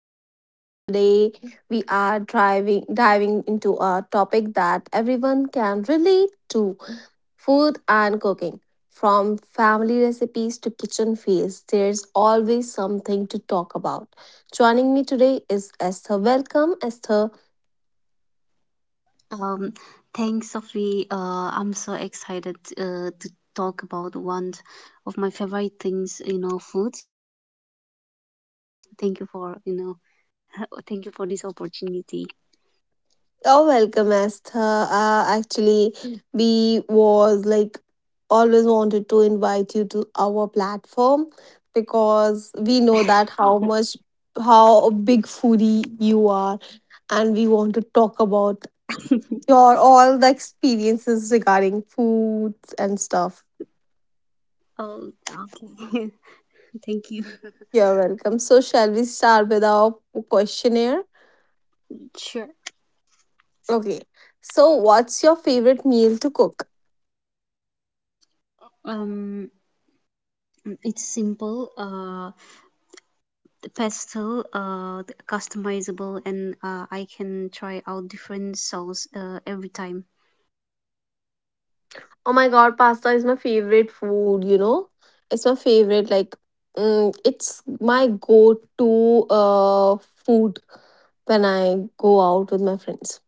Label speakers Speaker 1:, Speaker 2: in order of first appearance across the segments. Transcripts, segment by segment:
Speaker 1: I'm Sophie and today we are driving diving into a topic that everyone can relate to, food and cooking. From family recipes to kitchen fails, there's always something to talk about. Joining me today is Esther. Welcome Esther.
Speaker 2: Um, Thanks, Sophie. I'm so excited to talk about one of my favorite things, you know, food. Thank you for, you know, Thank you for this opportunity.
Speaker 1: You're welcome, Esther. Actually, we was like always wanted to invite you to our platform because we know that how a big foodie you are, and we want to talk about your all the experiences regarding foods and stuff.
Speaker 2: Oh, okay. Thank you.
Speaker 1: You're welcome. So, shall we start with our questionnaire?
Speaker 2: Sure.
Speaker 1: Okay. So, what's your favorite meal to cook?
Speaker 2: Um, it's simple. The pastel, the customizable, and I can try out different sauce every time.
Speaker 1: Oh my god, pasta is my favorite food, It's my favorite, like, it's my go to food when I go out with my friends.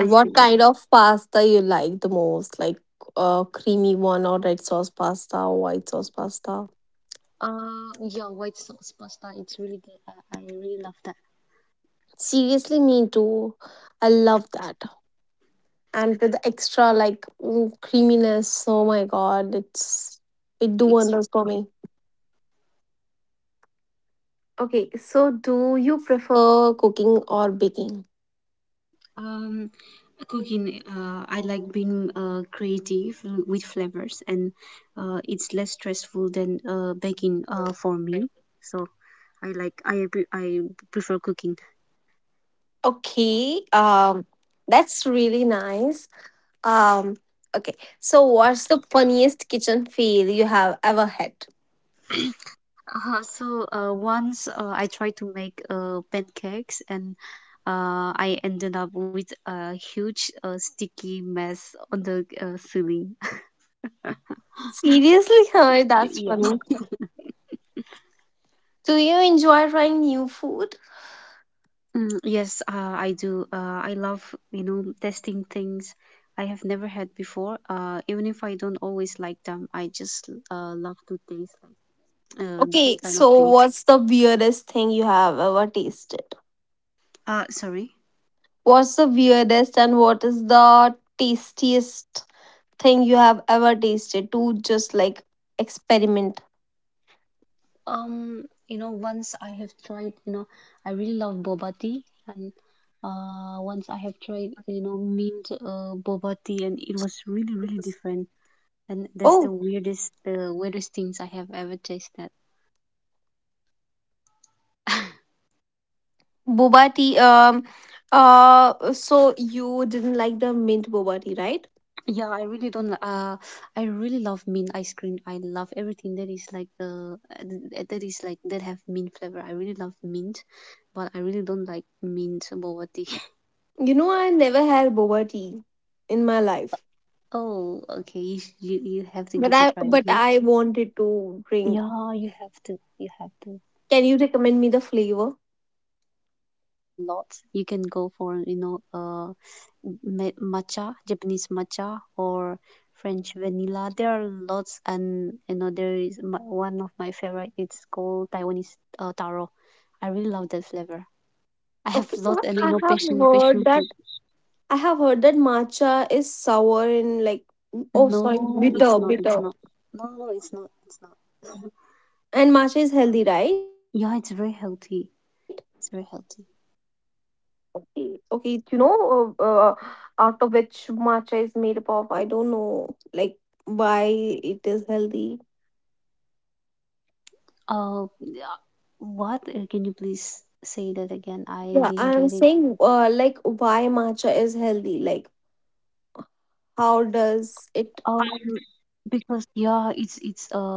Speaker 2: I
Speaker 1: what
Speaker 2: see that.
Speaker 1: kind of pasta you like the most? Like, creamy one, or red sauce pasta, or white sauce pasta?
Speaker 2: Yeah, white sauce pasta. It's really good. I really love that.
Speaker 1: Seriously, me too. I love that. And with the extra, like, creaminess, oh my god, it's, it do
Speaker 2: It's
Speaker 1: wonders for me. Okay, so do you prefer cooking or baking?
Speaker 2: Um, cooking, I like being creative with flavors, and it's less stressful than baking for me. So I prefer cooking.
Speaker 1: Okay, that's really nice. Um, okay, so what's the funniest kitchen fail you have ever had?
Speaker 2: So once I tried to make pancakes, and I ended up with a huge sticky mess on the ceiling.
Speaker 1: Seriously, that's funny. Do you enjoy trying new food?
Speaker 2: Mm, yes, I do. I love, testing things I have never had before. Even if I don't always like them, I just love to taste
Speaker 1: Okay,
Speaker 2: different kind of
Speaker 1: so
Speaker 2: things.
Speaker 1: what's the weirdest thing you have ever tasted?
Speaker 2: Sorry.
Speaker 1: What's the weirdest and what is the tastiest thing you have ever tasted to just like experiment?
Speaker 2: Um, Once I have tried, I really love boba tea, and once I have tried, mint boba tea, and it was really, really different. And that's the
Speaker 1: Oh,
Speaker 2: weirdest, weirdest things I have ever tasted.
Speaker 1: boba tea. So you didn't like the mint boba tea, right?
Speaker 2: Yeah, I really don't. I really love mint ice cream. I love everything that is like that have mint flavor. I really love mint, but I really don't like mint boba tea.
Speaker 1: You know, I never had boba tea in my life,
Speaker 2: Oh, okay. You, sh- you
Speaker 1: but I
Speaker 2: have to give
Speaker 1: but
Speaker 2: it a
Speaker 1: I
Speaker 2: try. Okay.
Speaker 1: wanted to drink.
Speaker 2: Yeah, you have to. You
Speaker 1: Can you
Speaker 2: have to.
Speaker 1: recommend me the flavor?
Speaker 2: Lots. You can go for matcha, Japanese matcha, or French vanilla. There are lots, and there is one of my favorite. It's called Taiwanese taro. I really love that flavor.
Speaker 1: Okay, but
Speaker 2: I have
Speaker 1: I
Speaker 2: lot,
Speaker 1: have
Speaker 2: and
Speaker 1: heard that
Speaker 2: passion fruit.
Speaker 1: I have heard that matcha is sour and like oh sorry bitter,
Speaker 2: No, it's not. It's not. No, no, it's not.
Speaker 1: and
Speaker 2: It's not.
Speaker 1: matcha is healthy, right?
Speaker 2: Yeah, it's very
Speaker 1: Okay,
Speaker 2: healthy.
Speaker 1: okay, you
Speaker 2: It's very healthy.
Speaker 1: know, uh, uh, out of which matcha is made up of, I don't know, like why it is healthy.
Speaker 2: Oh, yeah. What? Can you please say that again? I
Speaker 1: Yeah, I'm
Speaker 2: didn't get it.
Speaker 1: saying, like why matcha is healthy. Like, how
Speaker 2: Um,
Speaker 1: does it?
Speaker 2: because yeah, it's it's uh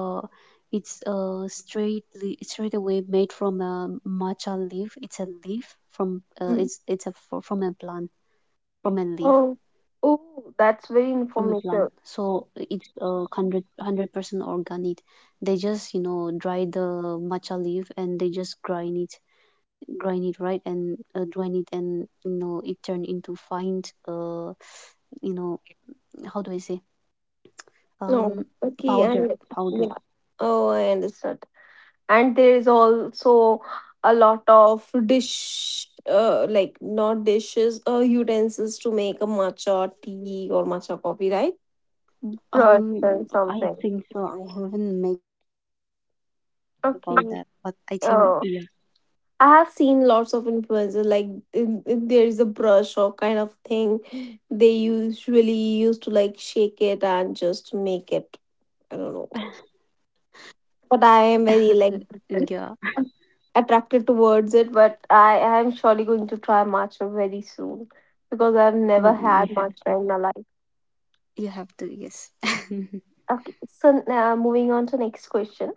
Speaker 2: it's uh straight away made from a matcha leaf. It's a leaf from it's a
Speaker 1: Mm.
Speaker 2: fr- from a plant from a leaf.
Speaker 1: Oh, oh, that's
Speaker 2: From a
Speaker 1: very
Speaker 2: plant.
Speaker 1: informative.
Speaker 2: So it's 100% organic. They just, dry the matcha leaf, and they just grind it right, and grind it and it turned into fine, uh you know how do I say,
Speaker 1: No, okay, and
Speaker 2: um
Speaker 1: yeah.
Speaker 2: powder
Speaker 1: Oh, I
Speaker 2: powder.
Speaker 1: understand. And there is also a lot of dish like not dishes utensils to make a matcha tea or matcha coffee right, brush and something.
Speaker 2: Um, I think so. I haven't make about
Speaker 1: Okay,
Speaker 2: that, but I think
Speaker 1: uh, I have seen lots of influencers like there is a brush or kind of thing they usually used to like shake it and just make it, I don't know, but I
Speaker 2: yeah,
Speaker 1: am very like attracted towards it. But I am surely going to try matcha very soon because I've
Speaker 2: you have
Speaker 1: never
Speaker 2: to.
Speaker 1: had matcha in my life.
Speaker 2: You have to, yes.
Speaker 1: Okay, so now moving on to next question.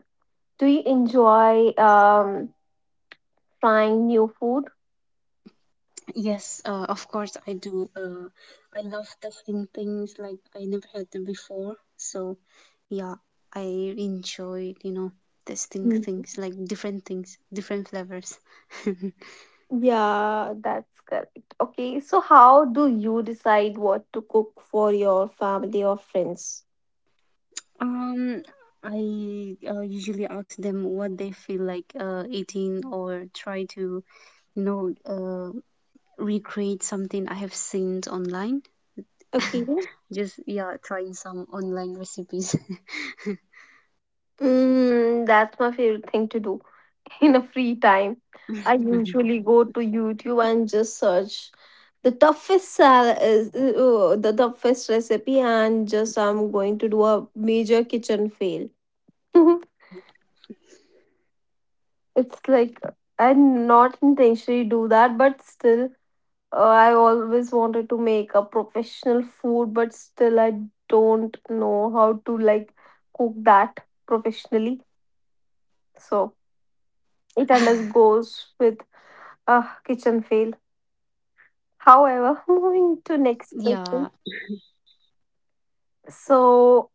Speaker 1: Do you enjoy trying new food?
Speaker 2: Yes, of course I do. I love testing things like I never had them before. So, yeah, I enjoy, testing
Speaker 1: Mm.
Speaker 2: things like different things, different flavors.
Speaker 1: Yeah, that's correct. Okay, so how do you decide what to cook for your family or friends?
Speaker 2: Um, I usually ask them what they feel like eating, or try to, you know, uh, recreate something I have seen online.
Speaker 1: Okay.
Speaker 2: Just, yeah, trying some online recipes.
Speaker 1: Mm, that's my favorite thing to do in a free time. I usually go to YouTube and just search the toughest salad, the toughest recipe, and just I'm going to do a major kitchen fail. It's like I not intentionally do that, but still, I always wanted to make a professional food, but still, I don't know how to like cook that professionally. So it and us goes with, ah, kitchen fail.
Speaker 2: Yeah,
Speaker 1: However, moving to next question.
Speaker 2: we all have gone through that.
Speaker 1: So,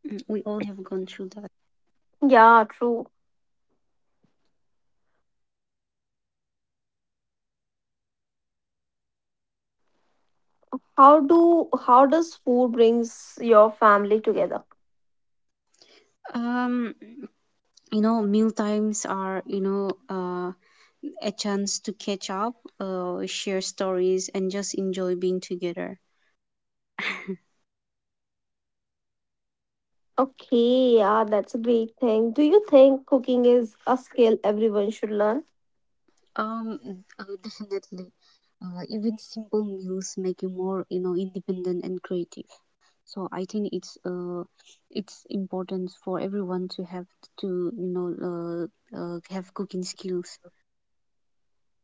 Speaker 1: yeah, true. How does food brings your family together?
Speaker 2: Um, Meal times are, a chance to catch up, share stories, and just enjoy being together.
Speaker 1: Okay, yeah, that's a great thing. Do you think cooking is a skill everyone should learn?
Speaker 2: Um, Definitely. Even simple meals make you more, independent and creative. So I think it's important for everyone to have to have cooking skills.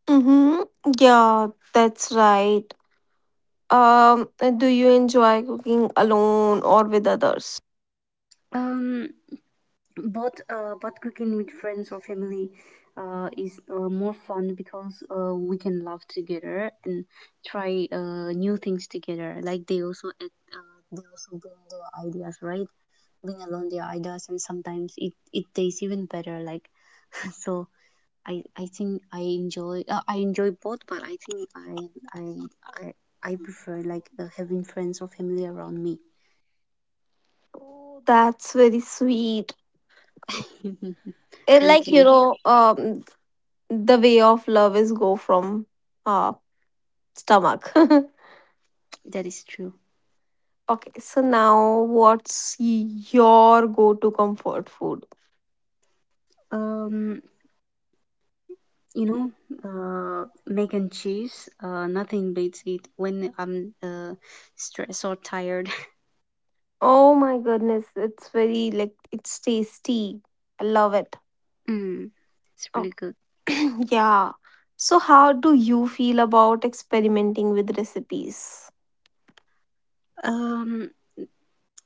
Speaker 1: Mm-hmm. Yeah, that's right. Um, do you enjoy cooking alone or with others?
Speaker 2: um but but cooking with friends or family is more fun because we can laugh together and try new things together, like they uh, they also bring their ideas, right, bring along their ideas, and sometimes it tastes even better, like, so I think I enjoy both, but I think I prefer, like, having friends or family around me.
Speaker 1: Oh, that's very sweet. It,
Speaker 2: Thank
Speaker 1: like you
Speaker 2: you.
Speaker 1: know, um, the way of love is go from uh stomach.
Speaker 2: That is true.
Speaker 1: Okay, so now what's your go to comfort food?
Speaker 2: Um, you know, Mac and cheese. Nothing beats it when I'm stressed or tired.
Speaker 1: Oh my goodness, it's very like it's tasty. I love it.
Speaker 2: Mm, it's
Speaker 1: Oh,
Speaker 2: really good.
Speaker 1: yeah. So, how do you feel about experimenting with recipes?
Speaker 2: Um,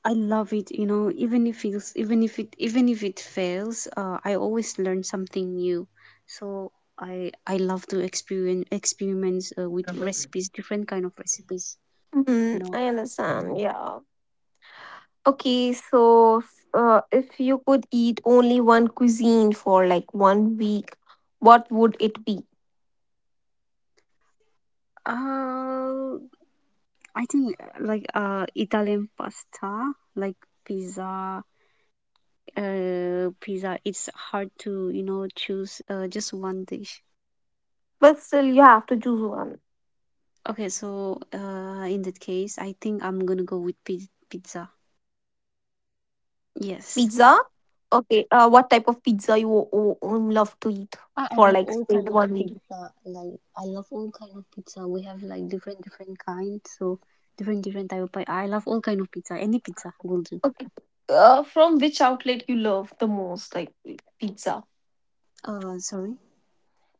Speaker 2: I love it, you know, even if it fails, I always learn something new. So I love to experience experiments with recipes, different kind of recipes, you
Speaker 1: Mm,
Speaker 2: know.
Speaker 1: I understand. Yeah. Okay, so if you could eat only one cuisine for like one week, what would it be?
Speaker 2: Uh, I think like Italian pasta, like pizza, pizza, it's hard to, you know, choose just one dish.
Speaker 1: But still, you have to choose one.
Speaker 2: Okay, so in that case, I think I'm gonna go with pizza. Yes.
Speaker 1: Pizza. Okay, what type of pizza you love to
Speaker 2: I
Speaker 1: eat
Speaker 2: love all
Speaker 1: for
Speaker 2: kind of
Speaker 1: like straight one
Speaker 2: pizza.
Speaker 1: week?
Speaker 2: Like I love all kind of pizza. We have like different kinds, so different type of pie. I love all kind of pizza. Any pizza will do.
Speaker 1: Okay. From which outlet you love the most, like pizza?
Speaker 2: Sorry.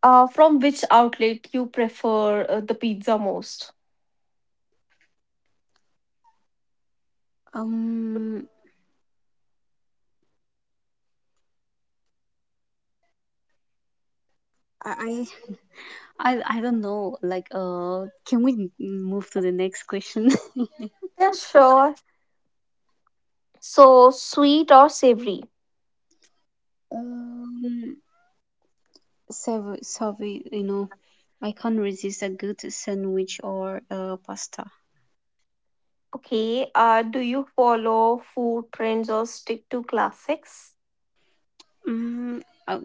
Speaker 1: From which outlet you prefer the pizza most?
Speaker 2: Um, I I don't know. Like, can we move to the next question?
Speaker 1: Yeah, sure. So sweet or savory?
Speaker 2: um, Sorry, sorry. You know, I can't resist a good sandwich or pasta.
Speaker 1: Okay. Do you follow food trends or stick to classics?
Speaker 2: Mm, I,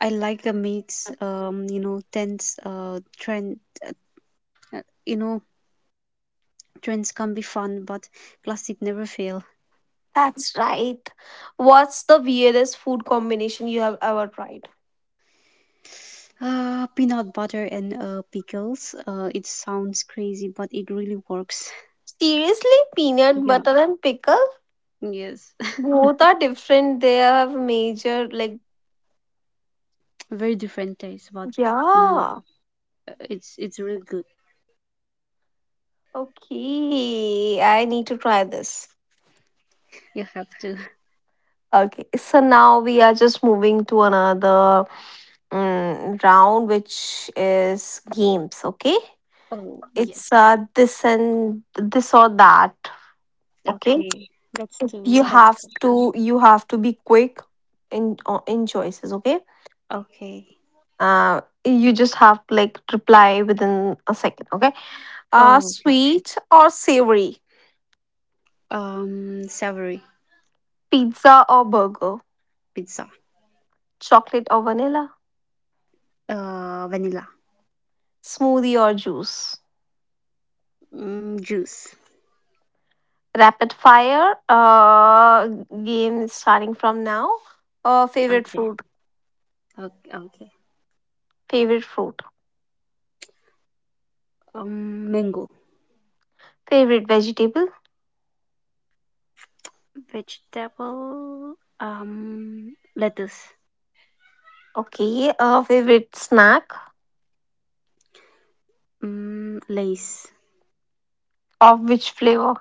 Speaker 2: I like the meats. Tense. Trend. Uh, You know, trends can be fun, but plastic never fail.
Speaker 1: That's right. What's the weirdest food combination you have ever tried?
Speaker 2: Peanut butter and pickles. It sounds crazy, but it really works.
Speaker 1: Seriously, peanut
Speaker 2: Yeah,
Speaker 1: butter and pickle?
Speaker 2: yes,
Speaker 1: Both are different. They have major, like,
Speaker 2: very different taste, but you
Speaker 1: yeah.
Speaker 2: know, it's really good.
Speaker 1: Okay. I need to try this.
Speaker 2: You have to.
Speaker 1: Okay. So now we are just moving to another round, which is games. Okay.
Speaker 2: Oh,
Speaker 1: It's
Speaker 2: yes,
Speaker 1: this and this or that. Okay.
Speaker 2: okay.
Speaker 1: You
Speaker 2: Let's
Speaker 1: have
Speaker 2: do it. Let's
Speaker 1: to,
Speaker 2: go.
Speaker 1: you have to be quick in choices. Okay.
Speaker 2: Okay.
Speaker 1: You just have to like reply within a second. Okay. Sweet
Speaker 2: Oh,
Speaker 1: or
Speaker 2: okay.
Speaker 1: savory?
Speaker 2: Savory.
Speaker 1: Pizza or burger,
Speaker 2: Pizza.
Speaker 1: chocolate or vanilla,
Speaker 2: Vanilla.
Speaker 1: smoothie or juice.
Speaker 2: Mm, juice.
Speaker 1: Rapid fire game starting from now. Favorite fruit,
Speaker 2: Okay. Okay. Okay.
Speaker 1: favorite fruit,
Speaker 2: Mango.
Speaker 1: favorite vegetable.
Speaker 2: Vegetable, lettuce,
Speaker 1: Okay, favorite snack of
Speaker 2: lace.
Speaker 1: which flavor?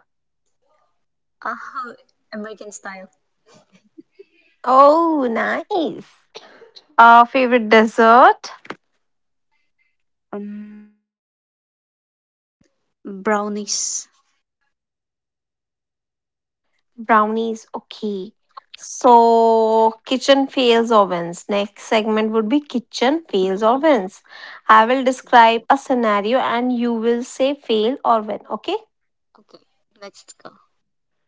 Speaker 2: Oh, American style.
Speaker 1: Oh, nice. Favorite dessert.
Speaker 2: um, Brownies.
Speaker 1: Brownies, okay. So, kitchen fails ovens. Next segment would be kitchen fails ovens. I
Speaker 2: Okay,
Speaker 1: will describe a scenario and you will say fail or win, okay?
Speaker 2: okay, let's go.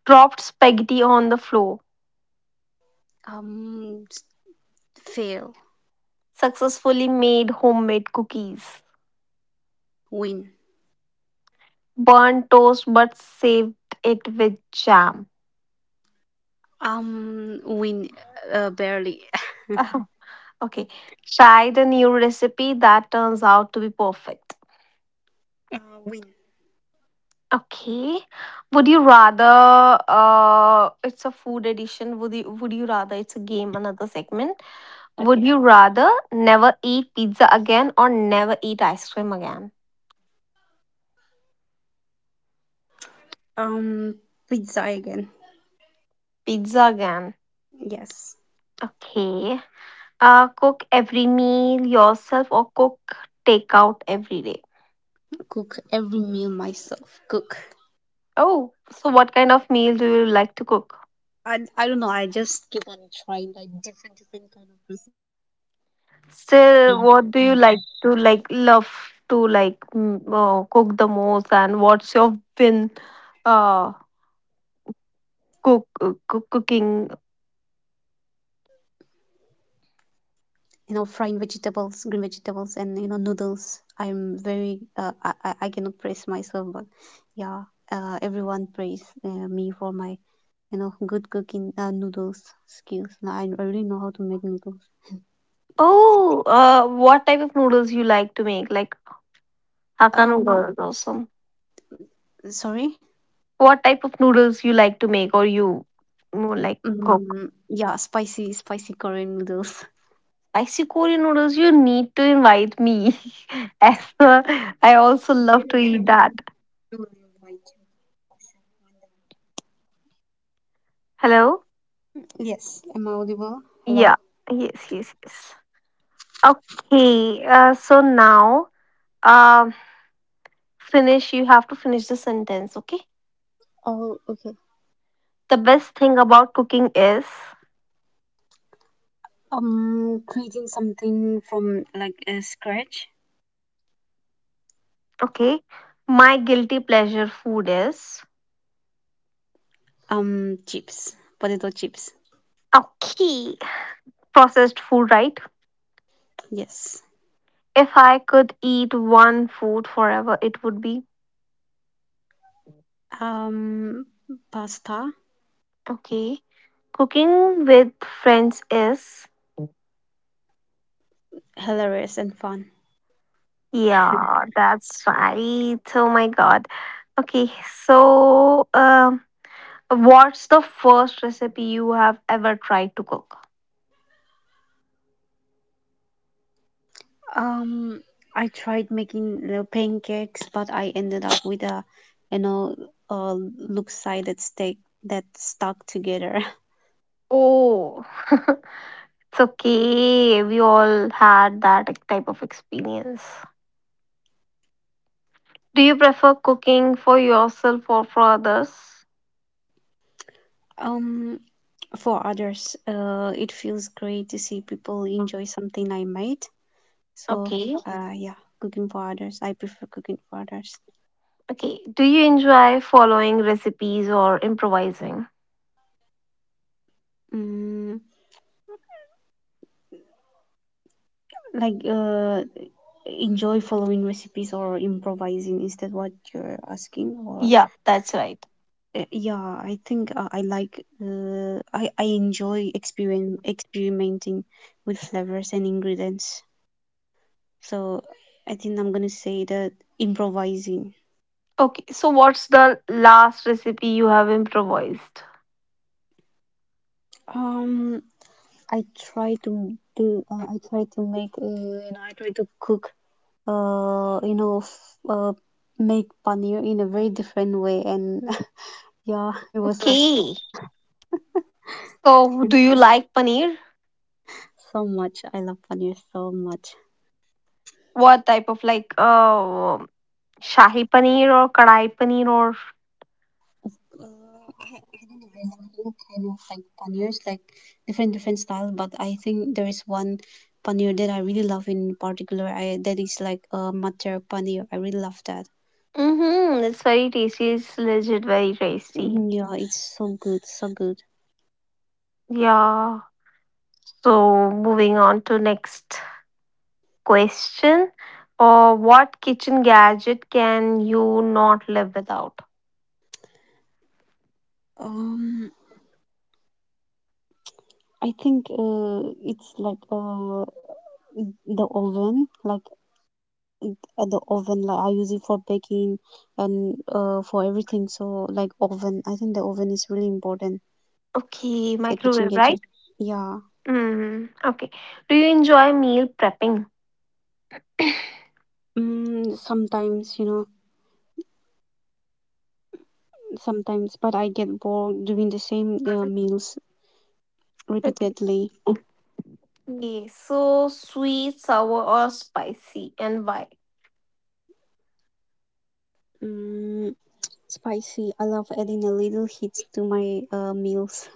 Speaker 1: Dropped spaghetti on the floor.
Speaker 2: um, s- Fail.
Speaker 1: Successfully made homemade cookies.
Speaker 2: Win.
Speaker 1: Burnt toast but saved it with jam.
Speaker 2: Win, barely.
Speaker 1: Okay. Tried a new recipe that turns out to be perfect.
Speaker 2: Win.
Speaker 1: Okay. Would you rather it's a food edition, would you rather it's a game, another segment. Would
Speaker 2: Okay,
Speaker 1: you rather never eat pizza again or never eat ice cream again?
Speaker 2: um, pizza again.
Speaker 1: Pizza again.
Speaker 2: Yes.
Speaker 1: Okay. Uh, cook every meal yourself or cook takeout every day.
Speaker 2: Cook every meal myself, cook.
Speaker 1: Oh, so what kind of meal do you like to cook?
Speaker 2: I don't know, I just keep on trying like different kind of pizza.
Speaker 1: Still, what do you like to like love to like cook the most and what's your win? uh Cook, cooking.
Speaker 2: You know, frying vegetables, green vegetables, and you know noodles. I'm very uh, I, I I cannot praise myself, but yeah, everyone praise me for my good cooking noodles skills. No, I really know how to make noodles.
Speaker 1: Oh, what type of noodles you like to make? Like Hakka
Speaker 2: um
Speaker 1: noodles is awesome.
Speaker 2: Sorry.
Speaker 1: What type of noodles you like to make or you more like cook?
Speaker 2: Mm, yeah, spicy Korean noodles.
Speaker 1: Spicy Korean noodles, you need to invite me. As I also love to eat that. Hello?
Speaker 2: Yes, am I audible? Hello?
Speaker 1: Yeah. Yes, yes, yes. Okay. So now, um, finish. You have to finish the sentence, okay?
Speaker 2: Oh, okay.
Speaker 1: The best thing about cooking is.
Speaker 2: Creating something from, like, scratch.
Speaker 1: Okay. My guilty pleasure food is
Speaker 2: Chips, potato chips.
Speaker 1: okay. Processed food, right?
Speaker 2: Yes.
Speaker 1: If I could eat one food forever, it would be
Speaker 2: Um, Pasta.
Speaker 1: okay. Cooking with friends is
Speaker 2: Hilarious and fun.
Speaker 1: yeah, that's right. Oh my god. Okay, so um, what's the first recipe you have ever tried to cook?
Speaker 2: Um, I tried making, pancakes, but I ended up with you know, a loop-sided steak that stuck together.
Speaker 1: Oh, it's okay. We all had that type of experience. Do you prefer cooking for yourself or for others?
Speaker 2: Um, for others, it feels great to see people enjoy something I made. So,
Speaker 1: Okay.
Speaker 2: yeah, cooking for others. I prefer cooking for others.
Speaker 1: Okay. Do you enjoy following recipes or improvising?
Speaker 2: Mm, like enjoy following recipes or improvising, is that what you're asking, or
Speaker 1: Yeah, that's right.
Speaker 2: Yeah, I think I like I enjoy experien experimenting with flavors and ingredients. So I think I'm gonna say that, improvising.
Speaker 1: Okay. So, what's the last recipe you have improvised?
Speaker 2: um i I try to make you know I try to cook uh you know f- uh, Make paneer in a very different way, and yeah, it was so fun.
Speaker 1: Okay. So, do you like paneer?
Speaker 2: So much. I love paneer so much.
Speaker 1: What type of like shahi paneer or kadai paneer or?
Speaker 2: I don't know. I love all kind of like paneers, like different style. But I think there is one paneer that I really love in particular. I That is like a matar paneer. I really love that.
Speaker 1: Mm-hmm. It's very tasty. It's legit very tasty.
Speaker 2: Mhm. Yeah, it's so good, so good.
Speaker 1: Yeah. So, moving on to next question or what kitchen gadget can you not live without?
Speaker 2: Um, I think it's like the oven, like the oven. Like I use it for baking and for everything. So, like, oven, I think the oven is really important.
Speaker 1: Okay,
Speaker 2: The kitchen
Speaker 1: microwave,
Speaker 2: gadget.
Speaker 1: right?
Speaker 2: Yeah,
Speaker 1: Mm, okay. Do you enjoy meal prepping?
Speaker 2: mm, sometimes, you know, sometimes, but I get bored doing the same meals repeatedly.
Speaker 1: Okay, so sweet, sour, or spicy, and why?
Speaker 2: Mm, spicy. I love adding a little heat to my meals.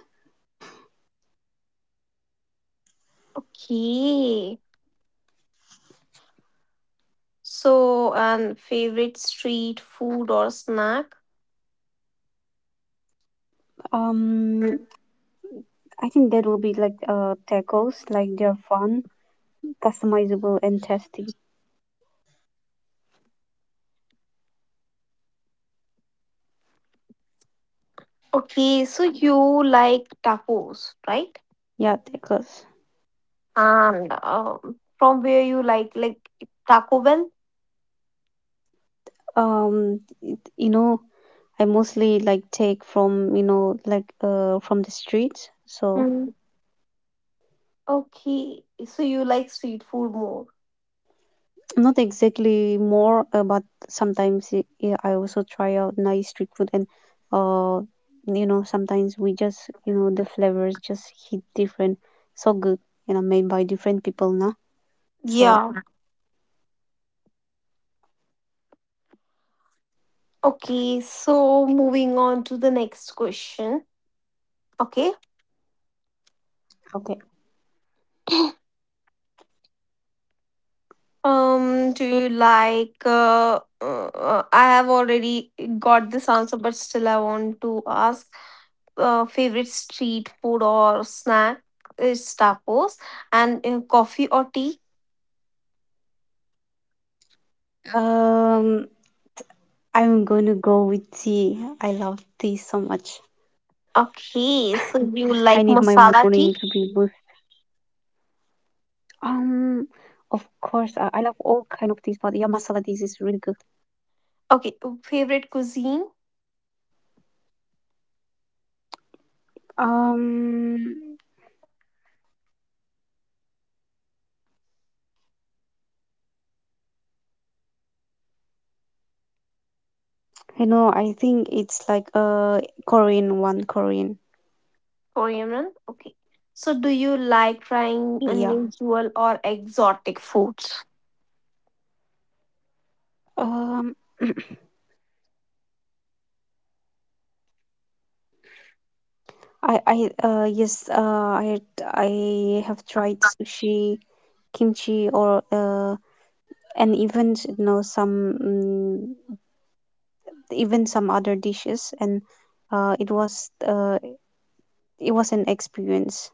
Speaker 1: Okay, so and favorite street food or snack?
Speaker 2: Um, I think that will be like tacos. Like they're fun, customizable, and tasty.
Speaker 1: Okay, so you like tacos, right?
Speaker 2: Yeah, tacos.
Speaker 1: And from where you like Taco Bell?
Speaker 2: Um, you know, I mostly like take from from the streets. So
Speaker 1: Okay, so you like street food more.
Speaker 2: not exactly more, but sometimes yeah, I also try out nice street food, and uh you know sometimes we just, you know, the flavors just hit different, so good, you know, made by different people now. So
Speaker 1: Yeah. Okay, so moving on to the next question. Okay.
Speaker 2: okay,
Speaker 1: Do you like I have already got this answer, but still I want to ask favorite street food or snack is tacos and coffee or tea.
Speaker 2: um, I'm going to go with tea. I love tea so much.
Speaker 1: Okay,
Speaker 2: I
Speaker 1: so
Speaker 2: need
Speaker 1: you
Speaker 2: my
Speaker 1: like
Speaker 2: morning to
Speaker 1: masala
Speaker 2: be
Speaker 1: tea?
Speaker 2: with um. Of course, I love all kind of teas, but yeah, masala teas is really good.
Speaker 1: Okay, favorite cuisine?
Speaker 2: Um, You know, I think it's like a Korean one, Korean.
Speaker 1: Korean? Okay.
Speaker 2: Yeah.
Speaker 1: So, do you like trying unusual or exotic foods?
Speaker 2: Um, I yes, I have tried sushi, kimchi, or and even even some other dishes, and uh it was uh it was an experience.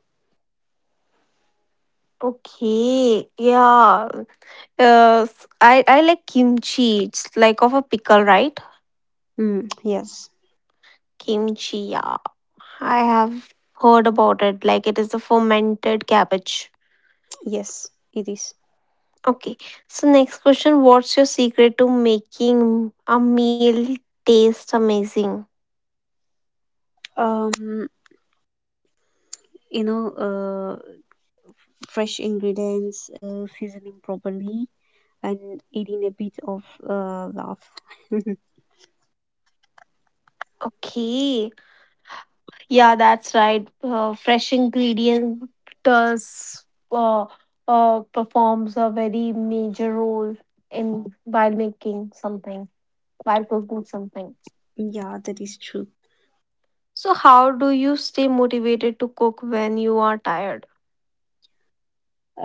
Speaker 1: Okay, yeah. I like kimchi. It's like of a pickle, right?
Speaker 2: Mm, yes,
Speaker 1: Kimchi, yeah. I have heard about it. Like it is a fermented cabbage.
Speaker 2: yes, it is.
Speaker 1: Okay. So next question, what's your secret to making a meal taste amazing?
Speaker 2: Um, you know, uh, Fresh ingredients, seasoning properly, and adding a bit of laugh.
Speaker 1: Okay. Yeah, that's right. Fresh ingredient does uh, performs a very major role in while making something, while cooking something.
Speaker 2: Yeah, that is true.
Speaker 1: So, how do you stay motivated to cook when you are tired?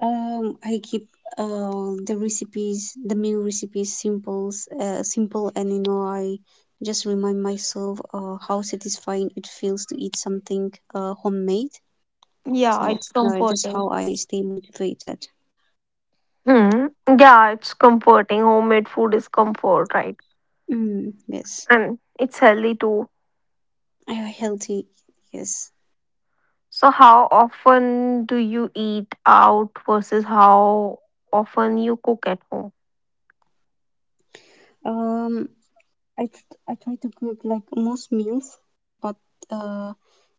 Speaker 2: I keep the recipes, the meal recipes, simple, and you know, I just remind myself how satisfying it feels to eat something homemade.
Speaker 1: Yeah,
Speaker 2: So,
Speaker 1: it's
Speaker 2: no, that's how
Speaker 1: comforting.
Speaker 2: I stay motivated.
Speaker 1: Hmm. Yeah, it's comforting. Homemade food is comfort, right?
Speaker 2: Mm, yes,
Speaker 1: And it's healthy too.
Speaker 2: healthy. Yes.
Speaker 1: So, how often do you eat out versus how often you cook at home?
Speaker 2: Um, I try to cook like most meals, but uh,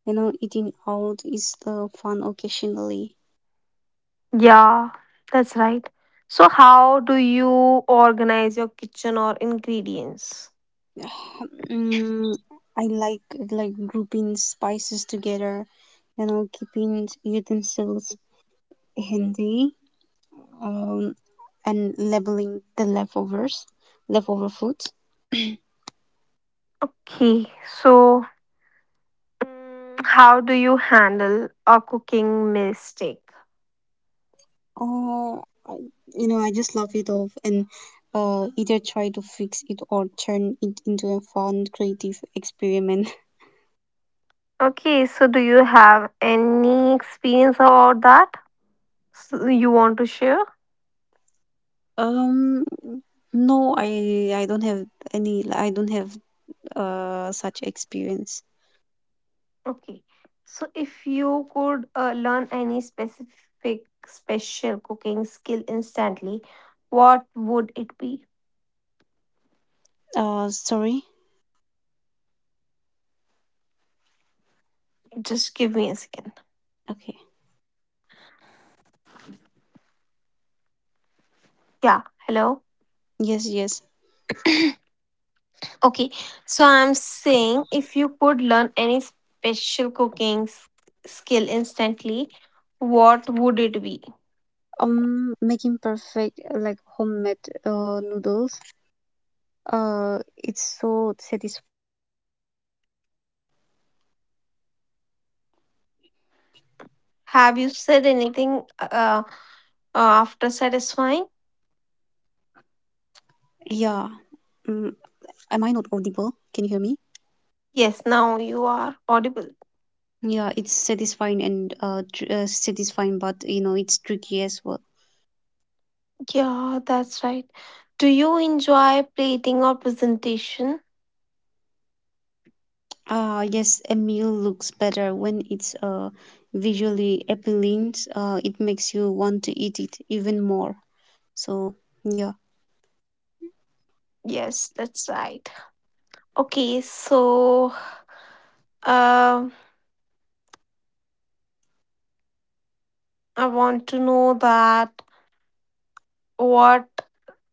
Speaker 2: you know, eating out is fun occasionally.
Speaker 1: Yeah, that's right. So, how do you organize your kitchen or ingredients?
Speaker 2: Mm, I like grouping spices together, you know, keeping utensils handy, um, and labeling the leftovers, leftover food.
Speaker 1: Okay, so how do you handle a cooking mistake?
Speaker 2: You know, I just love it all, and either try to fix it or turn it into a fun, creative experiment.
Speaker 1: Okay, so do you have any experience about that so you want to share?
Speaker 2: Um, no, I don't have any. I don't have such experience.
Speaker 1: Okay, so if you could learn any specific special cooking skill instantly, what would it be?
Speaker 2: Sorry.
Speaker 1: Just give me a second.
Speaker 2: Okay.
Speaker 1: Yeah, hello.
Speaker 2: Yes, yes.
Speaker 1: Okay, so I'm saying if you could learn any special cooking skill instantly, what would it be?
Speaker 2: Making perfect like homemade noodles. Uh, it's so satisfying.
Speaker 1: Have you said anything after satisfying?
Speaker 2: Yeah. Um, am I not audible? Can you hear me?
Speaker 1: Yes, now you are audible.
Speaker 2: Yeah, it's satisfying and satisfying, but you know it's tricky as well.
Speaker 1: Yeah, that's right. Do you enjoy plating or presentation?
Speaker 2: Ah, yes, a meal looks better when it's visually appealing. It makes you want to eat it even more. So, yeah.
Speaker 1: Yes, that's right. Okay, so um I want to know that, what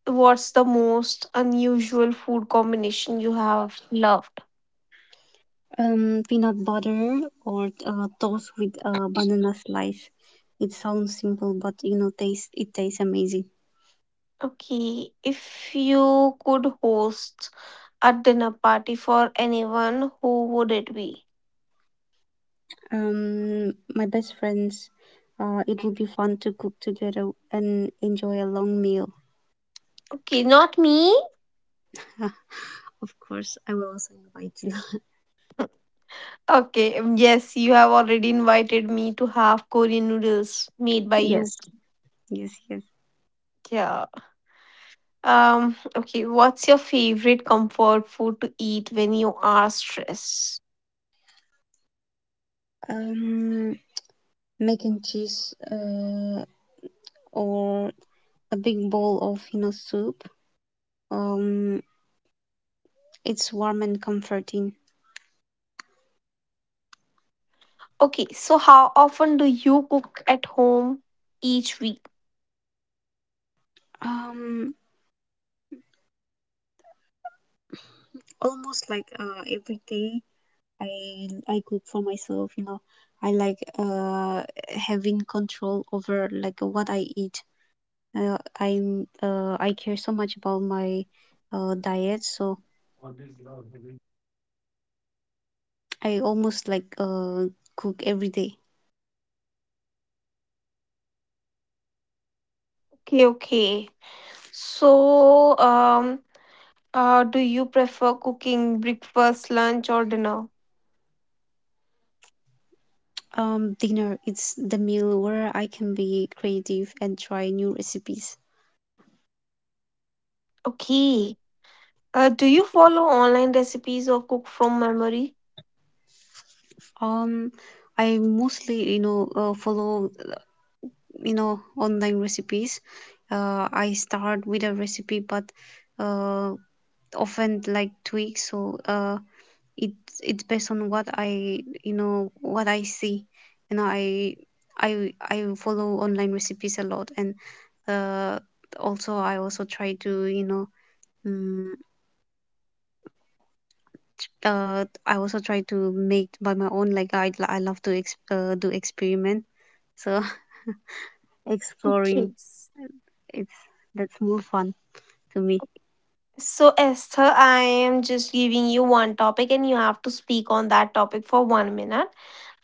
Speaker 1: What's the most unusual food combination you have loved?
Speaker 2: Peanut butter or toast with a banana slice. It sounds simple, but you know, taste it tastes amazing.
Speaker 1: Okay, if you could host a dinner party for anyone, who would it be?
Speaker 2: My best friends, it would be fun to cook together and enjoy a long meal.
Speaker 1: Okay, not me.
Speaker 2: Of course, I will also invite you.
Speaker 1: Okay, yes, you have already invited me to have Korean noodles made by you.
Speaker 2: Yes, yes, yes.
Speaker 1: Yeah. Okay, what's your favorite comfort food to eat when you are stressed?
Speaker 2: Um, mac and cheese or a big bowl of you know soup um it's warm and comforting.
Speaker 1: Okay, so how often do you cook at home each week?
Speaker 2: um Almost like every day i I cook for myself, you know. I like having control over like what I eat. I care so much about my diet, so I almost like cook every day.
Speaker 1: Okay, okay. So, do you prefer cooking breakfast, lunch, or dinner?
Speaker 2: Dinner, it's the meal where I can be creative and try new recipes.
Speaker 1: Okay. Do you follow online recipes or cook from memory?
Speaker 2: Um, I mostly, you know, follow, you know, online recipes. I start with a recipe, but uh, often like tweak. So it it's based on what I, you know, what I see. You know, I follow online recipes a lot, and uh, also I also try to, you know. mm I also try to make by my own. Like I love to do experiment. So exploring,
Speaker 1: Okay.
Speaker 2: it's that's more fun to me.
Speaker 1: So, Esther, I am just giving you one topic and you have to speak on that topic for 1 minute.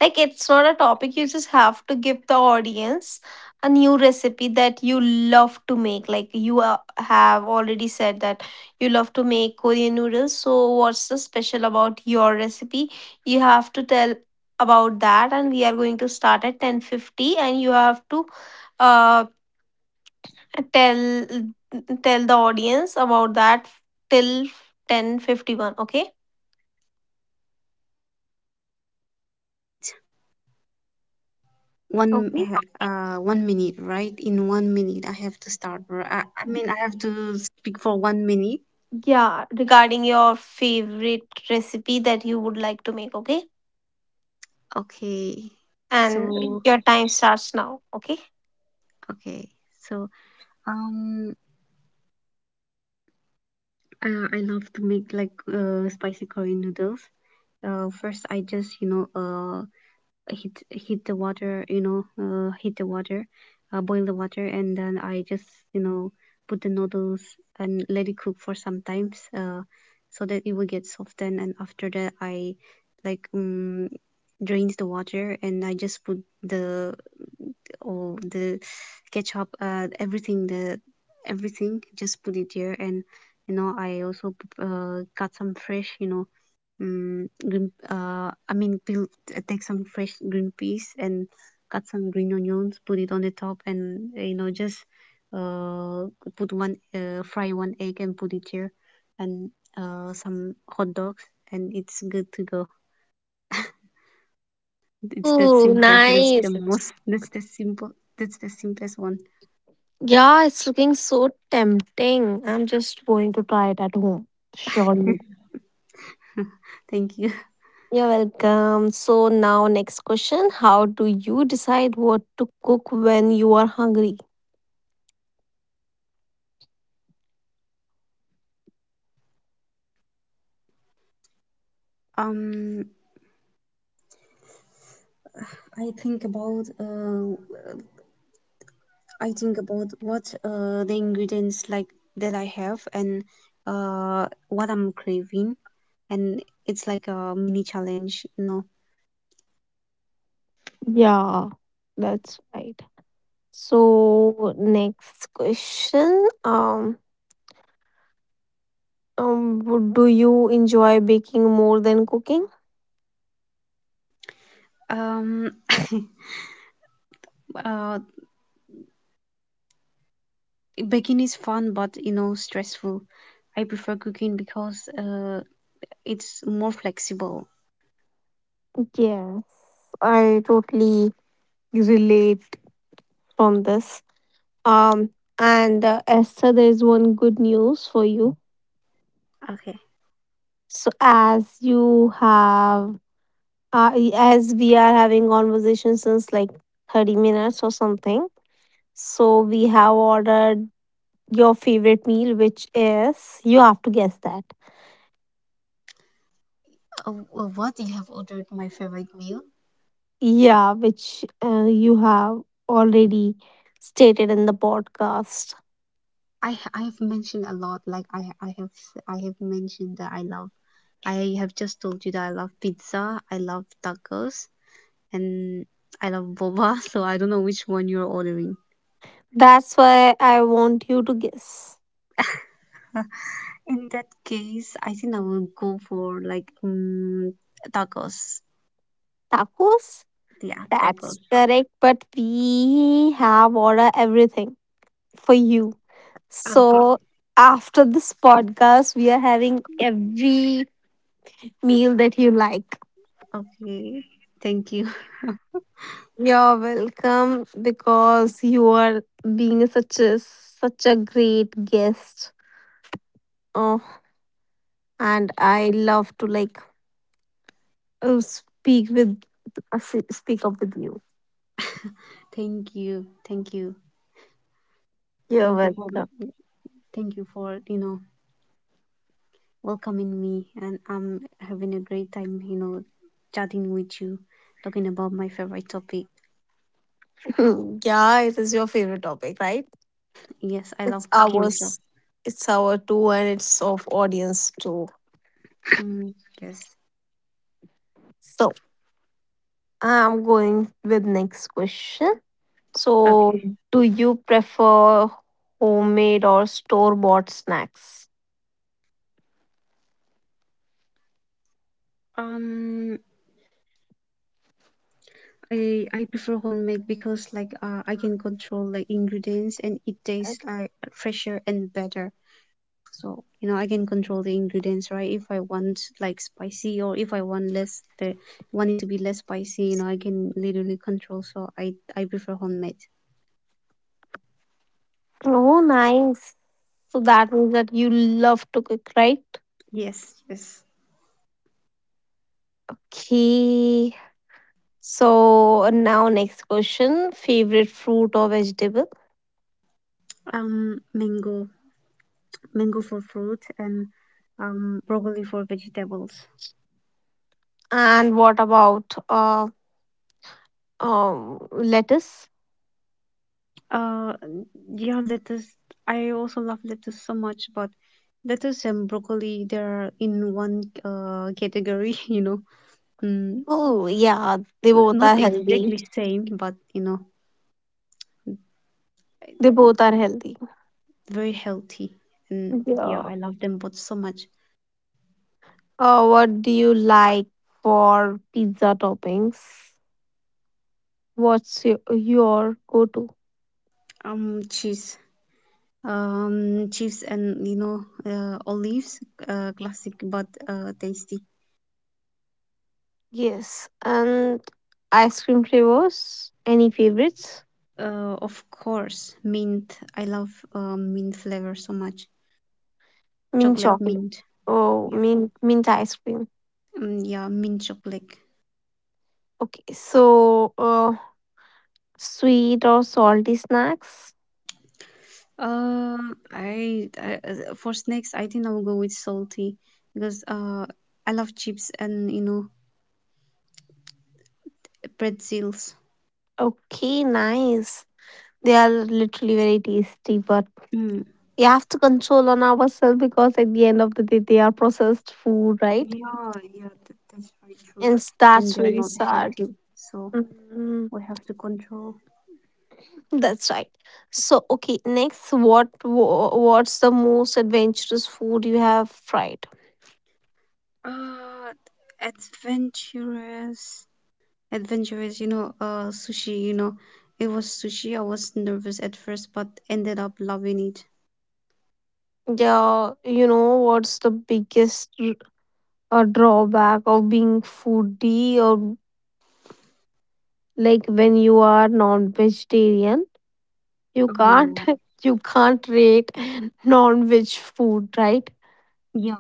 Speaker 1: Like, it's not a topic, you just have to give the audience a new recipe that you love to make. Like, you have already said that you love to make Korean noodles. So, what's the special about your recipe? You have to tell about that, and we are going to start at 10:50 and you have to uh tell tell the audience about that till 10:51, okay?
Speaker 2: One 1 minute,
Speaker 1: Okay,
Speaker 2: right? In 1 minute, I have to start. I mean, I have to speak for 1 minute.
Speaker 1: yeah, regarding your favorite recipe that you would like to make, okay.
Speaker 2: Okay. So
Speaker 1: And your time starts now, okay?
Speaker 2: okay. So um, I love to make like spicy Korean noodles. First I just you know hit the water, you know, hit the water, boil the water, and then I just you know put the noodles and let it cook for some times, so that it will get softened. And after that I like drains the water, and I just put the all the ketchup, everything, just put it there. And you know I also got some fresh, you know, Mm, green, I mean, peel, take some fresh green peas and cut some green onions, put it on the top, and you know, just uh, put one, fry one egg and put it here, and some hot dogs, and it's good to go. It's that simple.
Speaker 1: Oh,
Speaker 2: That's the
Speaker 1: nice.
Speaker 2: most. That's the simple. That's the simplest one.
Speaker 1: Yeah, it's looking so tempting. I'm just going to try it at home. Surely.
Speaker 2: Thank you.
Speaker 1: You're welcome. So now, next question: how do you decide what to cook when you are hungry?
Speaker 2: Um, I think about uh, I think about what the ingredients like that I have and what I'm craving, and it's like a mini challenge, you know.
Speaker 1: Yeah, that's right. So, next question. Do you enjoy baking more than cooking?
Speaker 2: Um, uh, Baking is fun, but you know, stressful. I prefer cooking because it's more flexible.
Speaker 1: Yes, I totally relate from this. Um, and Esther, there is one good news for you.
Speaker 2: Okay.
Speaker 1: So as you have, as we are having conversation since like 30 minutes or something, so we have ordered your favorite meal, which is, you have to guess that.
Speaker 2: Uh, what you have ordered my favorite meal?
Speaker 1: Yeah, which you have already stated in the podcast.
Speaker 2: I have mentioned a lot. Like I have mentioned that I love. I have just told you that I love pizza. I love tacos. And I love boba, so I don't know which one you're ordering.
Speaker 1: That's why I want you to guess.
Speaker 2: In that case, I think I will go for like tacos.
Speaker 1: Tacos?
Speaker 2: Yeah, tacos.
Speaker 1: That's correct, but we have ordered everything for you.
Speaker 2: Okay.
Speaker 1: So after this podcast, we are having every meal that you like.
Speaker 2: Okay. Thank you.
Speaker 1: You're welcome because you are being such a great guest. Oh, and I love to like speak with speak up with you.
Speaker 2: Thank you. Thank you.
Speaker 1: You're
Speaker 2: Thank you for
Speaker 1: welcome.
Speaker 2: Thank you for, you know, welcoming me, and I'm having a great time, you know, chatting with you, talking about my favorite topic.
Speaker 1: Yeah, it is your favorite topic, right?
Speaker 2: Yes, I
Speaker 1: It's
Speaker 2: love cooking, so
Speaker 1: ours. It's our too, and it's of audience too.
Speaker 2: mm, yes.
Speaker 1: So I'm going with next question. So,
Speaker 2: Okay.
Speaker 1: do you prefer homemade or store bought snacks?
Speaker 2: Um, I prefer homemade because like I can control like ingredients and it tastes like fresher and better. So you know I can control the ingredients, right? If I want like spicy, or if I want less, the want it to be less spicy, you know I can literally control. So I prefer homemade.
Speaker 1: Oh, nice. So that means that you love to cook, right?
Speaker 2: Yes, yes.
Speaker 1: Okay. So now, next question: favorite fruit or vegetable,
Speaker 2: Um, mango, Mango for fruit and broccoli for vegetables.
Speaker 1: and what about lettuce?
Speaker 2: Uh, yeah, lettuce. I also love lettuce so much, but lettuce and broccoli, they're in one category, you know. Mm,
Speaker 1: Oh yeah, they
Speaker 2: n-
Speaker 1: both
Speaker 2: not
Speaker 1: are healthy.
Speaker 2: exactly same, but you know,
Speaker 1: They both are healthy.
Speaker 2: very healthy. And
Speaker 1: Yeah.
Speaker 2: yeah, I love them both so much.
Speaker 1: What do you like for pizza toppings? What's your go-to?
Speaker 2: Cheese. Cheese and you know, olives, classic but tasty.
Speaker 1: Yes, and ice cream flavors. Any favorites?
Speaker 2: Of course, mint. I love mint flavor so much.
Speaker 1: Mint
Speaker 2: Chocolate
Speaker 1: chocolate.
Speaker 2: mint.
Speaker 1: Oh,
Speaker 2: Yeah.
Speaker 1: mint ice cream.
Speaker 2: Mm, yeah, mint chocolate.
Speaker 1: Okay, so sweet or salty snacks.
Speaker 2: I For snacks, I think I will go with salty because I love chips and you know pretzels.
Speaker 1: Okay, nice. They are literally very tasty, but
Speaker 2: Mm,
Speaker 1: we have to control on ourselves because at the end of the day, they are processed food, right?
Speaker 2: yeah, yeah, that's very true.
Speaker 1: And
Speaker 2: And
Speaker 1: that's
Speaker 2: they're
Speaker 1: very
Speaker 2: not
Speaker 1: sad.
Speaker 2: healthy, so
Speaker 1: Mm,
Speaker 2: we have to control.
Speaker 1: that's right. So, okay, next, what's the most adventurous food you have tried?
Speaker 2: Uh, adventurous, Adventurous. You know, it was sushi. I was nervous at first, but ended up loving it.
Speaker 1: Yeah, you know what's the biggest drawback of being foodie or like when you are non-vegetarian, you can't
Speaker 2: Oh,
Speaker 1: you can't rate non-veg food, right?
Speaker 2: yeah.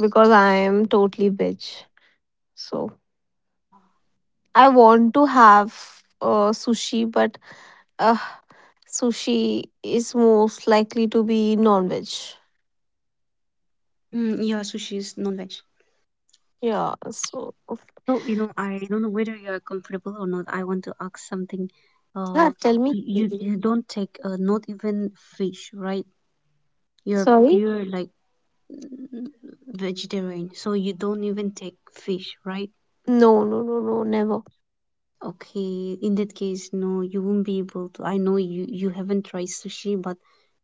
Speaker 1: Because I am totally veg. So I want to have sushi, but uh, sushi is most likely to be non-veg.
Speaker 2: Mm, yeah, sushi is non-veg.
Speaker 1: Yeah,
Speaker 2: So, you
Speaker 1: so
Speaker 2: know, I don't know whether you're comfortable or not. I want to ask something. Uh,
Speaker 1: yeah, tell me.
Speaker 2: you you don't take not even fish, right? You're
Speaker 1: Sorry?
Speaker 2: pure like n- vegetarian, so you don't even take fish, right?
Speaker 1: No, no, no, no, never.
Speaker 2: Okay, in that case, no, you won't be able to. I know you haven't tried sushi, but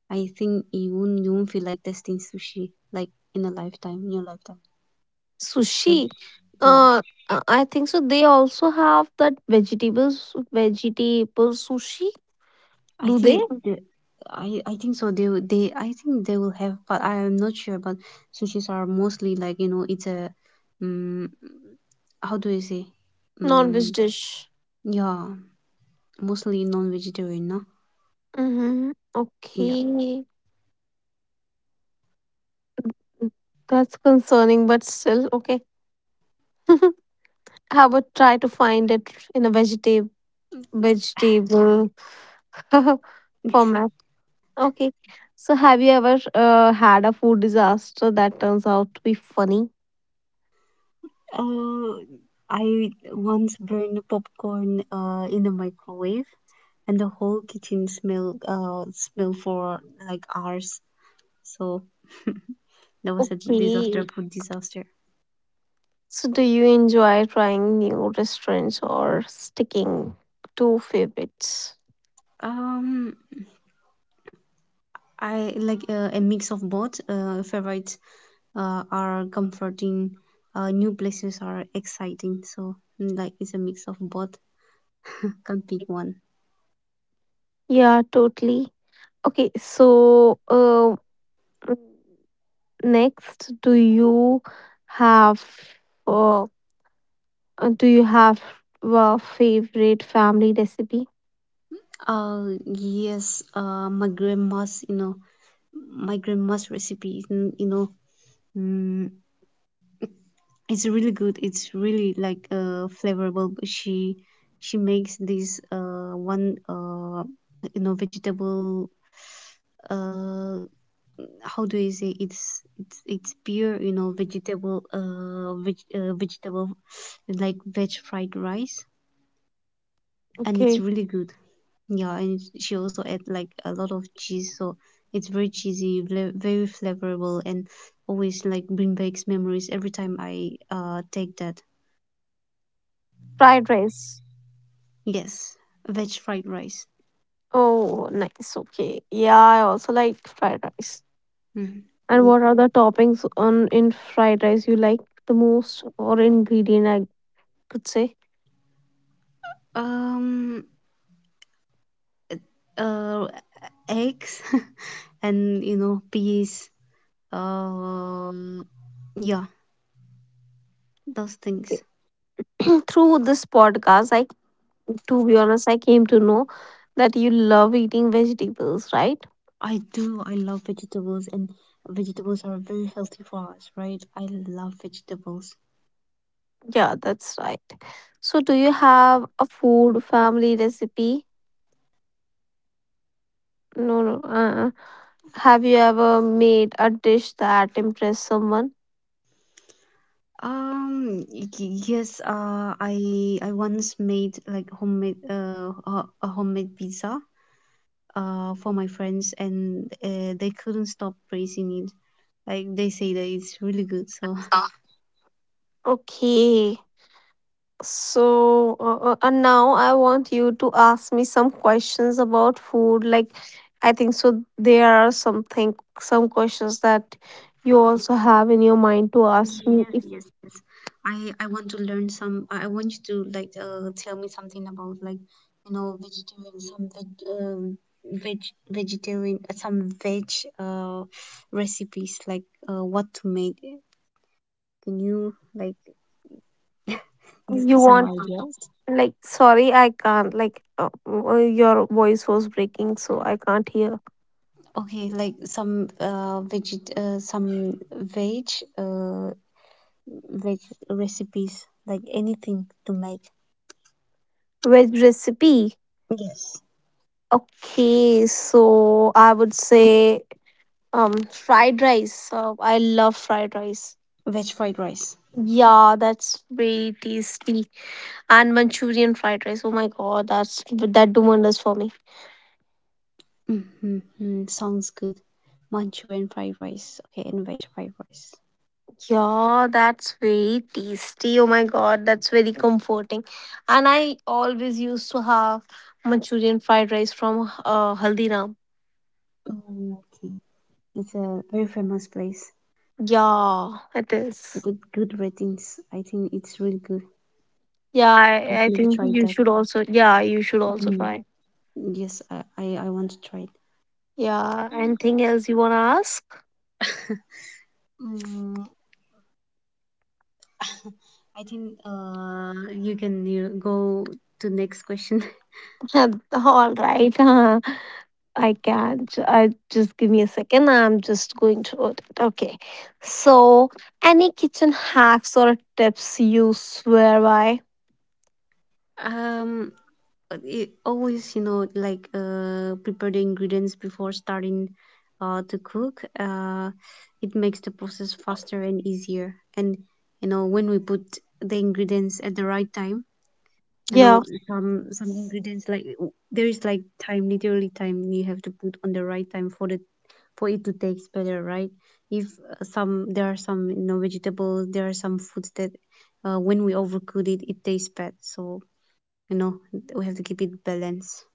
Speaker 2: I think you won't feel like testing sushi like in a lifetime, in your lifetime.
Speaker 1: Sushi,
Speaker 2: Just yeah.
Speaker 1: uh I think so they also have that vegetable sushi.
Speaker 2: I
Speaker 1: Do they?
Speaker 2: think the- I think so they I think they will have, but I am not sure. But sushis are mostly like you know, it's a um how do you say,
Speaker 1: Non-veg
Speaker 2: um
Speaker 1: dish.
Speaker 2: yeah, mostly non-vegetarian, no?
Speaker 1: Mm-hmm.
Speaker 2: Yeah,
Speaker 1: Okay, that's concerning but still okay. I would try to find it in a vegetable format. Okay. So have you ever had a food disaster that turns out to be funny?
Speaker 2: uh I once burned popcorn in the microwave, and the whole kitchen smell for like hours, so that was a disaster,
Speaker 1: Okay.
Speaker 2: food disaster.
Speaker 1: So, do you enjoy trying new restaurants or sticking to favorites?
Speaker 2: Um, I like a mix of both. Favorites are comforting, new places are exciting. So, mm, like, it's a mix of both. Can't pick one.
Speaker 1: Yeah, totally. Okay, so mm, next, have uh, do you have a favorite family recipe?
Speaker 2: Yes, my grandma's, you know, my grandma's recipe, mm, you know, mm, it's really good. It's really like flavorful. She makes this one you know vegetable, uh how do you say, it's pure, you know, vegetable, vegetable, like veg fried rice. And it's
Speaker 1: Okay,
Speaker 2: really good. Yeah, she also add like a lot of cheese, so it's very cheesy, very flavorable, and always like bring back memories every time I take that.
Speaker 1: fried rice.
Speaker 2: Yes, veg fried rice.
Speaker 1: Oh, nice. Okay, yeah, I also like fried rice.
Speaker 2: Mhm.
Speaker 1: And
Speaker 2: Mm,
Speaker 1: what are the toppings on in fried rice you like the most, or ingredient I could say?
Speaker 2: um uh Eggs and you know peas, um yeah, those things.
Speaker 1: Through this podcast, I to be honest, I came to know that you love eating vegetables, right?
Speaker 2: I do. I love vegetables, and vegetables are very healthy for us, right? I love vegetables.
Speaker 1: Yeah, that's right. So, do you have a food family recipe? No, no. Have you ever made a dish that impressed someone?
Speaker 2: Um. y- Yes. I once made like homemade a homemade pizza for my friends, and they couldn't stop praising it. Like they say that it's really good. So
Speaker 1: Ah, okay. So, and now I want you to ask me some questions about food. Like, I think so. There are something, some questions that you also have in your mind to ask me
Speaker 2: yes,
Speaker 1: if
Speaker 2: yes, yes. I want to learn some. I want you to like tell me something about like you know vegetarian, some veg vegetarian, some veg uh recipes, like what to make. Can you like give me
Speaker 1: you
Speaker 2: some
Speaker 1: want.
Speaker 2: ideas?
Speaker 1: Like, sorry, I can't. Like, your voice was breaking, so I can't hear.
Speaker 2: Okay, like some veget some veg uh veg recipes, like anything to make.
Speaker 1: Veg recipe.
Speaker 2: Yes,
Speaker 1: Okay, so I would say fried rice. I love fried rice.
Speaker 2: veg fried rice.
Speaker 1: Yeah, that's very tasty. And Manchurian fried rice. Oh my god, that's that do wonders for me.
Speaker 2: Mm-hmm. Sounds good. Manchurian fried rice. Okay, and veg fried rice.
Speaker 1: Yeah, that's very tasty. Oh my god, that's very comforting. And I always used to have Manchurian fried rice from Haldiram.
Speaker 2: Oh, okay. It's a very famous place
Speaker 1: Yeah, it
Speaker 2: with
Speaker 1: is.
Speaker 2: good ratings. I think it's really good.
Speaker 1: Yeah,
Speaker 2: I've
Speaker 1: I
Speaker 2: never
Speaker 1: think
Speaker 2: tried
Speaker 1: you
Speaker 2: that.
Speaker 1: should also. Yeah, you should also
Speaker 2: Mm.
Speaker 1: try.
Speaker 2: Yes, I want to try it.
Speaker 1: Yeah, anything else you wanna ask?
Speaker 2: mm, I think you can you go to next question.
Speaker 1: All right. I can't. I just, give me a second. I'm just going through it. Okay. So, any kitchen hacks or tips you swear by?
Speaker 2: Um, it always you know like prepare the ingredients before starting to cook, it makes the process faster and easier. And you know when we put the ingredients at the right time, you
Speaker 1: Yeah.
Speaker 2: know, some ingredients like there is like time, literally time you have to put on the right time for the for it to taste better, right? If some there are some, you know, vegetables, there are some foods that when we overcook it, it tastes bad, so you know we have to keep it balanced.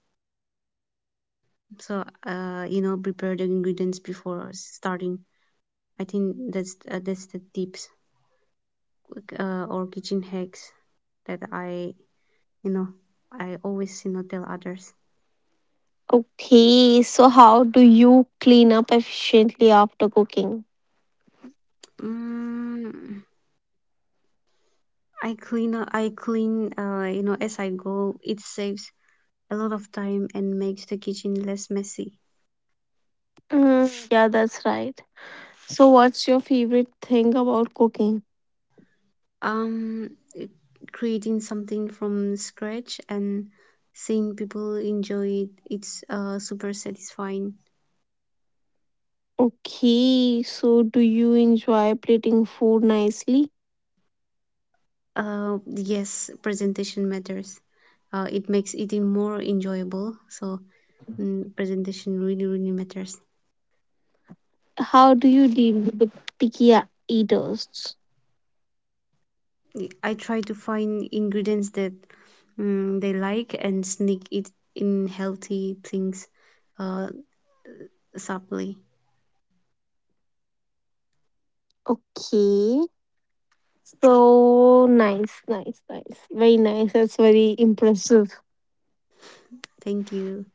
Speaker 2: So, you know, prepare the ingredients before starting. I think that's the tips, like, or kitchen hacks that I, you know, I always you know tell others.
Speaker 1: Okay. So, how do you clean up efficiently after cooking?
Speaker 2: Mm, I clean, you know, as I go. It saves a lot of time and makes the kitchen less messy.
Speaker 1: Mm, yeah, that's right. So, what's your favorite thing about cooking?
Speaker 2: Um, creating something from scratch and seeing people enjoy it's super satisfying.
Speaker 1: Okay, so do you enjoy plating food nicely?
Speaker 2: Yes, presentation matters. It makes eating more enjoyable. So, presentation really, really matters.
Speaker 1: How do you deal with the picky eaters?
Speaker 2: I try to find ingredients that they like, and sneak it in healthy things uh, subtly.
Speaker 1: Okay, so nice, nice, nice. Very nice. That's very impressive.
Speaker 2: Thank you.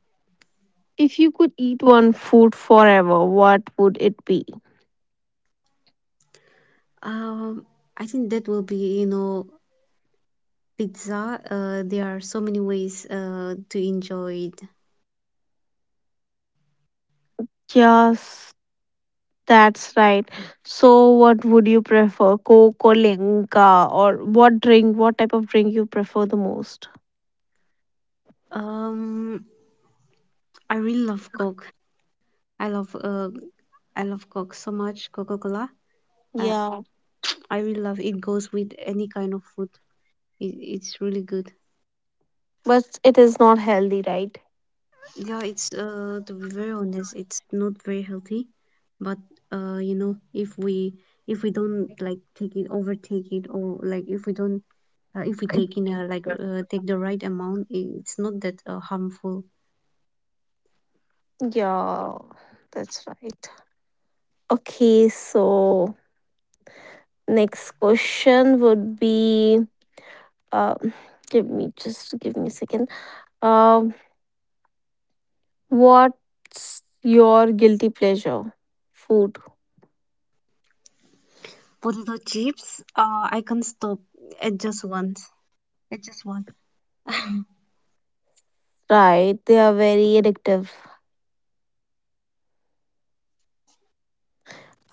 Speaker 1: If you could eat one food forever, what would it be?
Speaker 2: Um, I think that will be, you know, pizza. There are so many ways to enjoy it.
Speaker 1: Yes, that's right. So, what would you prefer? Coke or Lenka? Or what drink, what type of drink you prefer the most?
Speaker 2: Um, I really love Coke. I love Coke so much, Coca-Cola. Uh,
Speaker 1: Yeah,
Speaker 2: I really love it. Goes with any kind of food. It's really good.
Speaker 1: but it is not healthy, right?
Speaker 2: Yeah, it's to be very honest, it's not very healthy, but you know, if we don't like take it, overtake it, or like if we don't if we take in a like take the right amount, it's not that harmful.
Speaker 1: Yeah, that's right. Okay, so next question would be uh, give me, just give me a second. Um, what's your guilty pleasure? Food,
Speaker 2: Potato chips. I can't stop at just once. At just one.
Speaker 1: right? They are very addictive.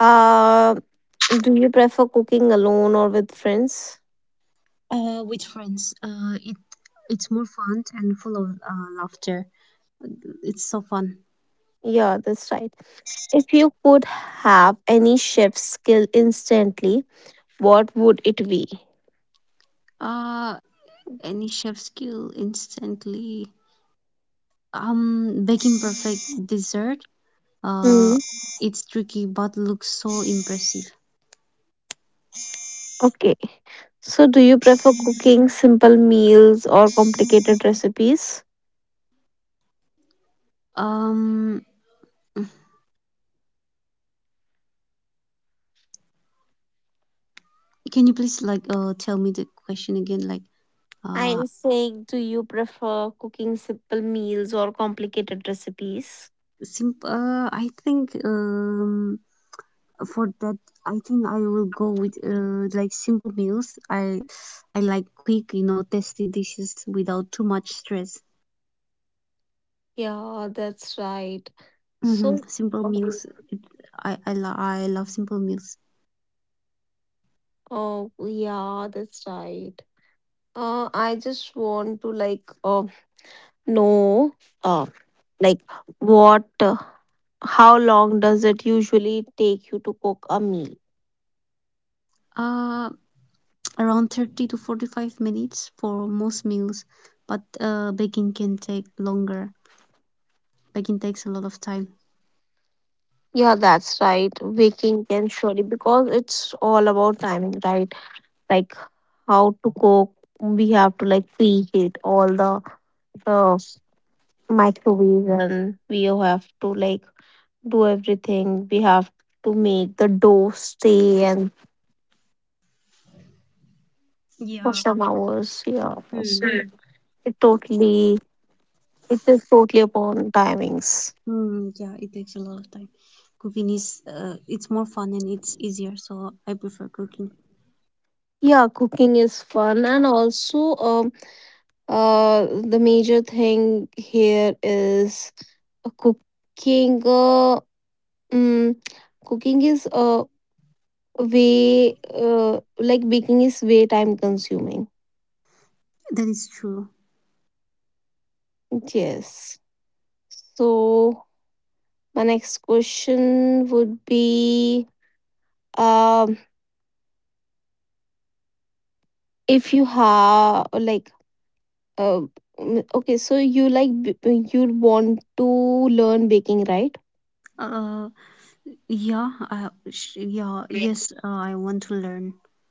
Speaker 1: Uh, do you prefer cooking alone or with friends?
Speaker 2: With friends. It's more fun and full of laughter. It's so fun.
Speaker 1: Yeah, that's right. If you could have any chef skill instantly, what would it be?
Speaker 2: Uh, any chef skill instantly. Baking perfect dessert. Uh,
Speaker 1: Hmm.
Speaker 2: it's tricky but looks so impressive.
Speaker 1: Okay. So, do you prefer cooking simple meals or complicated recipes?
Speaker 2: Um, can you please tell me the question again? Uh,
Speaker 1: I'm saying, do you prefer cooking simple meals or complicated recipes?
Speaker 2: I think for that I think I will go with like simple meals. I like quick, you know, tasty dishes without too much stress.
Speaker 1: Yeah, that's right.
Speaker 2: Mm-hmm.
Speaker 1: So,
Speaker 2: Simple
Speaker 1: mhm.
Speaker 2: meals. I love simple meals.
Speaker 1: Oh, yeah, that's right. I just want to like know, uh, like what how long does it usually take you to cook a meal?
Speaker 2: Uh Around 30 to 45 minutes for most meals, but baking can take longer. Baking takes a lot of time.
Speaker 1: Yeah, that's right. Baking can surely because it's all about timing, right? Like how to cook. We have to like preheat all the microwave, and we have to like do everything. We have to make the dough stay and for some
Speaker 2: Yeah.
Speaker 1: hours. Yeah. So, hmm,
Speaker 2: Mm.
Speaker 1: it totally it is totally upon timings.
Speaker 2: Mm, yeah, it takes a lot of time. Cooking is it's more fun and it's easier, so I prefer cooking.
Speaker 1: Yeah, cooking is fun and also the major thing here is cooking. Mm, cooking is way, like baking is way time consuming.
Speaker 2: That is true.
Speaker 1: Yes. So my next question would be um if you have like uh, okay, so you like you want to learn baking, right?
Speaker 2: Uh, yes, I want to learn.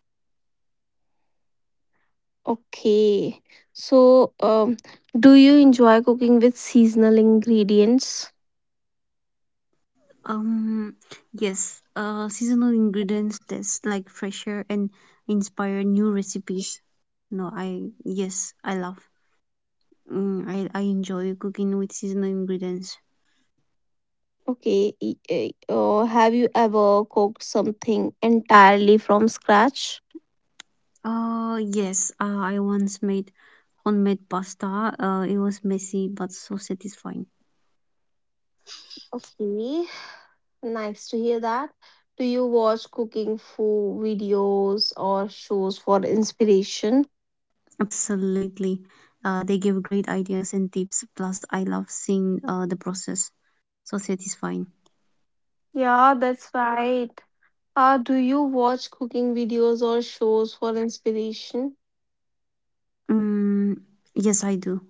Speaker 1: Okay. So, do you enjoy cooking with seasonal ingredients?
Speaker 2: Um, yes, seasonal ingredients, that's like fresher and inspire new recipes. No, I yes, I love. I enjoy cooking with seasonal ingredients.
Speaker 1: Okay. Have you ever cooked something entirely from scratch?
Speaker 2: Yes, I once made homemade pasta. It was messy but so satisfying.
Speaker 1: Okay. Nice to hear that. Do you watch cooking food videos or shows for inspiration?
Speaker 2: Absolutely. They give great ideas and tips. Plus, I love seeing the process. So
Speaker 1: Yeah, that's
Speaker 2: satisfying.
Speaker 1: right. Do you watch cooking videos or shows for inspiration?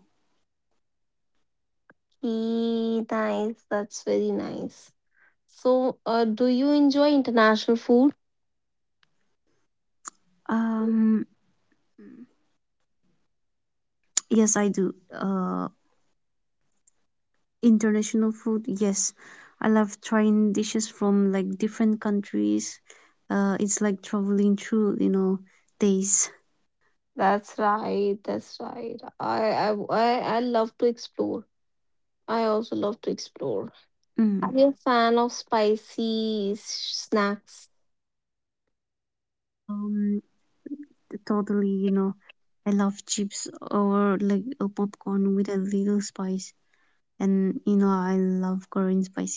Speaker 2: Mm, yes, I do.
Speaker 1: Okay, nice. That's very nice. So, do you enjoy international food? That's
Speaker 2: Um, yes, I do. International food, yes. I love trying dishes from like different countries. It's like traveling through, you know, days.
Speaker 1: right. That's right. I love to explore. I also love to explore. Are you a fan of
Speaker 2: Mm.
Speaker 1: spicy snacks?
Speaker 2: Um, Totally, you know, I love chips or like a popcorn with a little spice. And, you know, I love Korean spicy noodles, so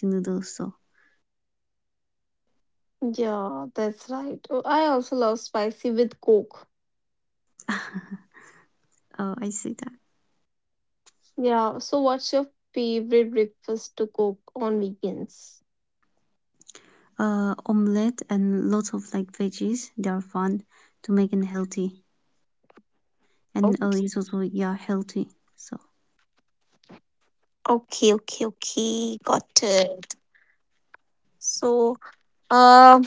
Speaker 1: Yeah, that's right. Oh, I also love spicy with Coke.
Speaker 2: I say that.
Speaker 1: Yeah. So, what's your favorite breakfast to cook on weekends?
Speaker 2: Omelette and lots of like veggies. They are fun to make and healthy.
Speaker 1: Oh,
Speaker 2: And it's also, yeah, healthy. So.
Speaker 1: okay, okay, okay. Got it. So, um,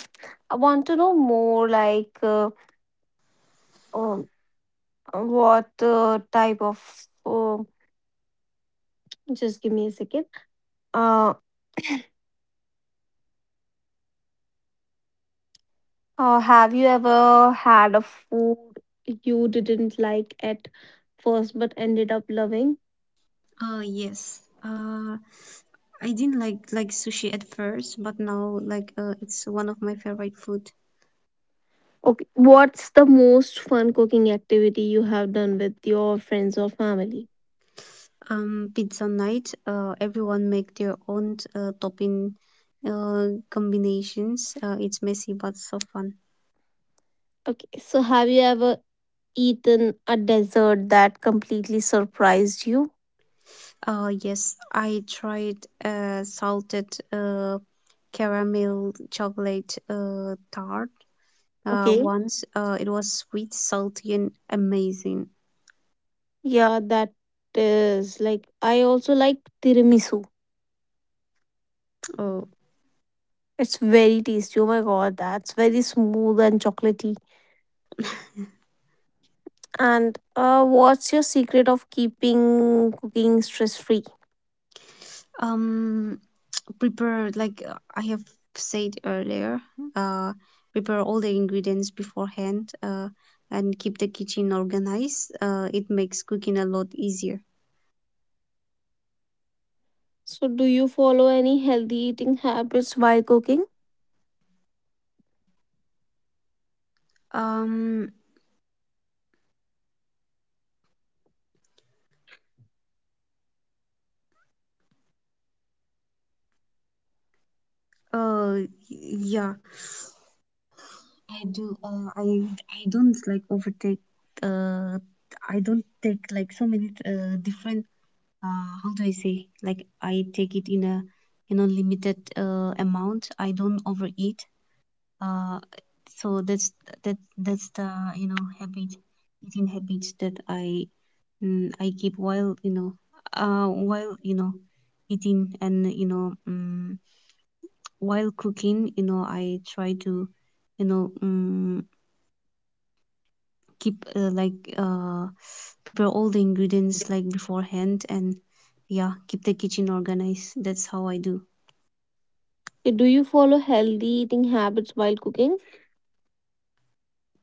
Speaker 1: I want to know more like um, what type of just give me a second. Uh, have you ever had a food you didn't like at first but ended up loving?
Speaker 2: Oh yes. I didn't like sushi at first, but now it's one of my favorite food.
Speaker 1: Okay, what's the most fun cooking activity you have done with your friends or family?
Speaker 2: Pizza night. Everyone make their own topping combinations. It's messy but so fun.
Speaker 1: Okay, so have you ever eaten a dessert that completely surprised you?
Speaker 2: Yes, I tried salted uh, caramel chocolate tart
Speaker 1: Okay,
Speaker 2: once. It was sweet, salty, and amazing.
Speaker 1: yeah, that is like I also like tiramisu.
Speaker 2: Oh,
Speaker 1: It's very tasty. Oh my god, that's very smooth and chocolatey. And what's your secret of keeping cooking stress free?
Speaker 2: um, prepare I have said earlier, uh, prepare all the ingredients beforehand, and keep the kitchen organized. It makes cooking a lot easier.
Speaker 1: So, do you follow any healthy eating habits while cooking?
Speaker 2: Um. Uh. Yeah. I do. I don't like overtake. Uh. I don't take like so many different. How do I say? Like I take it in a limited amount. I don't overeat. Uh, so that's the, you know, habit, eating habits that I I keep while, you know, while, you know, eating, and you know, while cooking, you know, I try to, you know, keep prepare all the ingredients like beforehand, and yeah, keep the kitchen organized. That's how I do.
Speaker 1: Okay, do you follow healthy eating habits while cooking?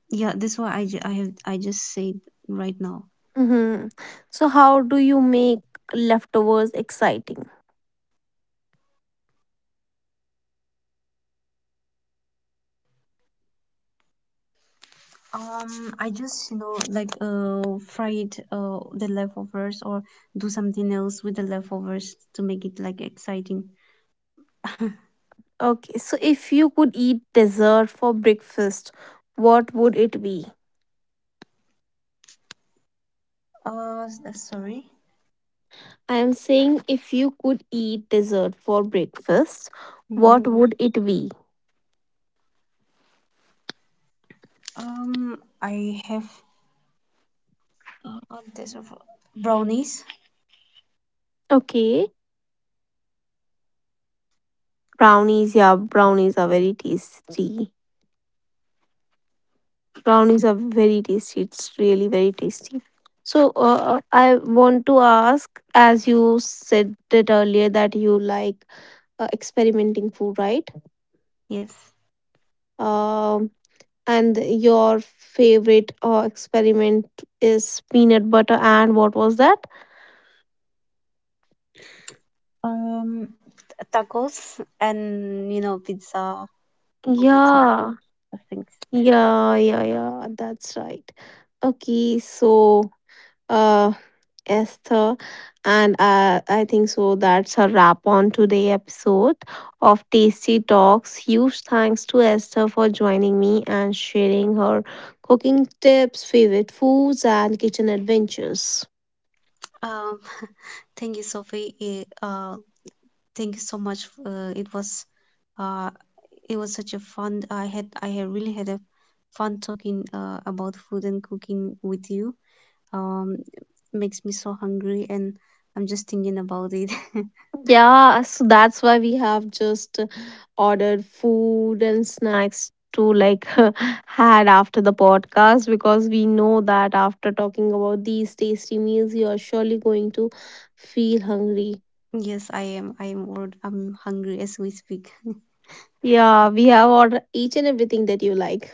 Speaker 2: Yeah, that's why I, I have, I just said right now.
Speaker 1: Mm-hmm. So, how do you make leftovers exciting?
Speaker 2: I just, you know, fry it, the leftovers, or do something else with the leftovers to make it like exciting.
Speaker 1: Okay, so if you could eat dessert for breakfast, what would it be?
Speaker 2: Sorry.
Speaker 1: I am saying if you could eat dessert for breakfast,
Speaker 2: Mm-hmm.
Speaker 1: what, mhm, would it be?
Speaker 2: I have this of brownies.
Speaker 1: Okay, brownies, yeah, brownies are very tasty. Brownies are very tasty. It's really very tasty. So I want to ask, as you said it earlier, that you like experimenting food, right?
Speaker 2: Yes.
Speaker 1: Um, and your favorite experiment is peanut butter and what was that?
Speaker 2: Um, t- tacos and you know pizza, bubble tea,
Speaker 1: Yeah,
Speaker 2: those things.
Speaker 1: yeah, yeah, yeah. That's right. Okay, so uh, Esther. And I think so that's a wrap on today episode of Tasty Talks. Huge thanks to Esther for joining me and sharing her cooking tips, favorite foods, and kitchen adventures.
Speaker 2: Um, thank you, Sophie. Thank you so much. It was uh, it was such a fun. I had really had a fun talking about food and cooking with you. Um, Makes me so hungry, and I'm just thinking about it.
Speaker 1: Yeah, so that's why we have just ordered food and snacks to like had after the podcast because we know that after talking about these tasty meals, you are surely going to feel hungry.
Speaker 2: Yes, I am. I am. I'm hungry as we speak.
Speaker 1: Yeah, we have order each and everything that you like.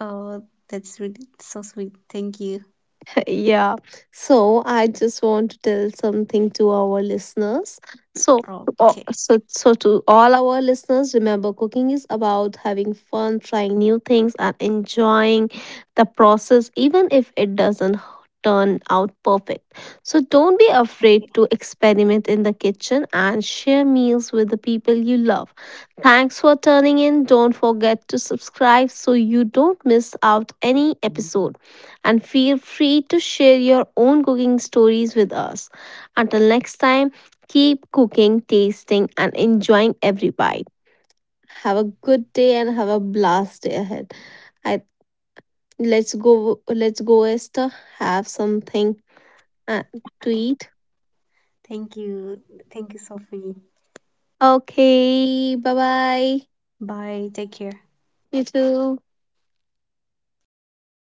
Speaker 2: Oh, that's really so sweet. Thank you.
Speaker 1: Yeah. So I just want to tell something to our listeners. So,
Speaker 2: Okay.
Speaker 1: so to all our listeners, remember cooking is about having fun, trying new things, and enjoying the process, even if it doesn't turn out perfect. So don't be afraid
Speaker 2: Okay.
Speaker 1: to experiment in the kitchen and share meals with the people you love. Thanks for turning in. Don't forget to subscribe so you don't miss out any episode and feel free to share your own cooking stories with us. Until next time, keep cooking, tasting, and enjoying every bite. Have a good day and have a blast day ahead. I let's go Esther, have something uh, to eat.
Speaker 2: Thank you. Thank you, Sophie.
Speaker 1: Okay, bye bye.
Speaker 2: Bye. Take care.
Speaker 1: You too.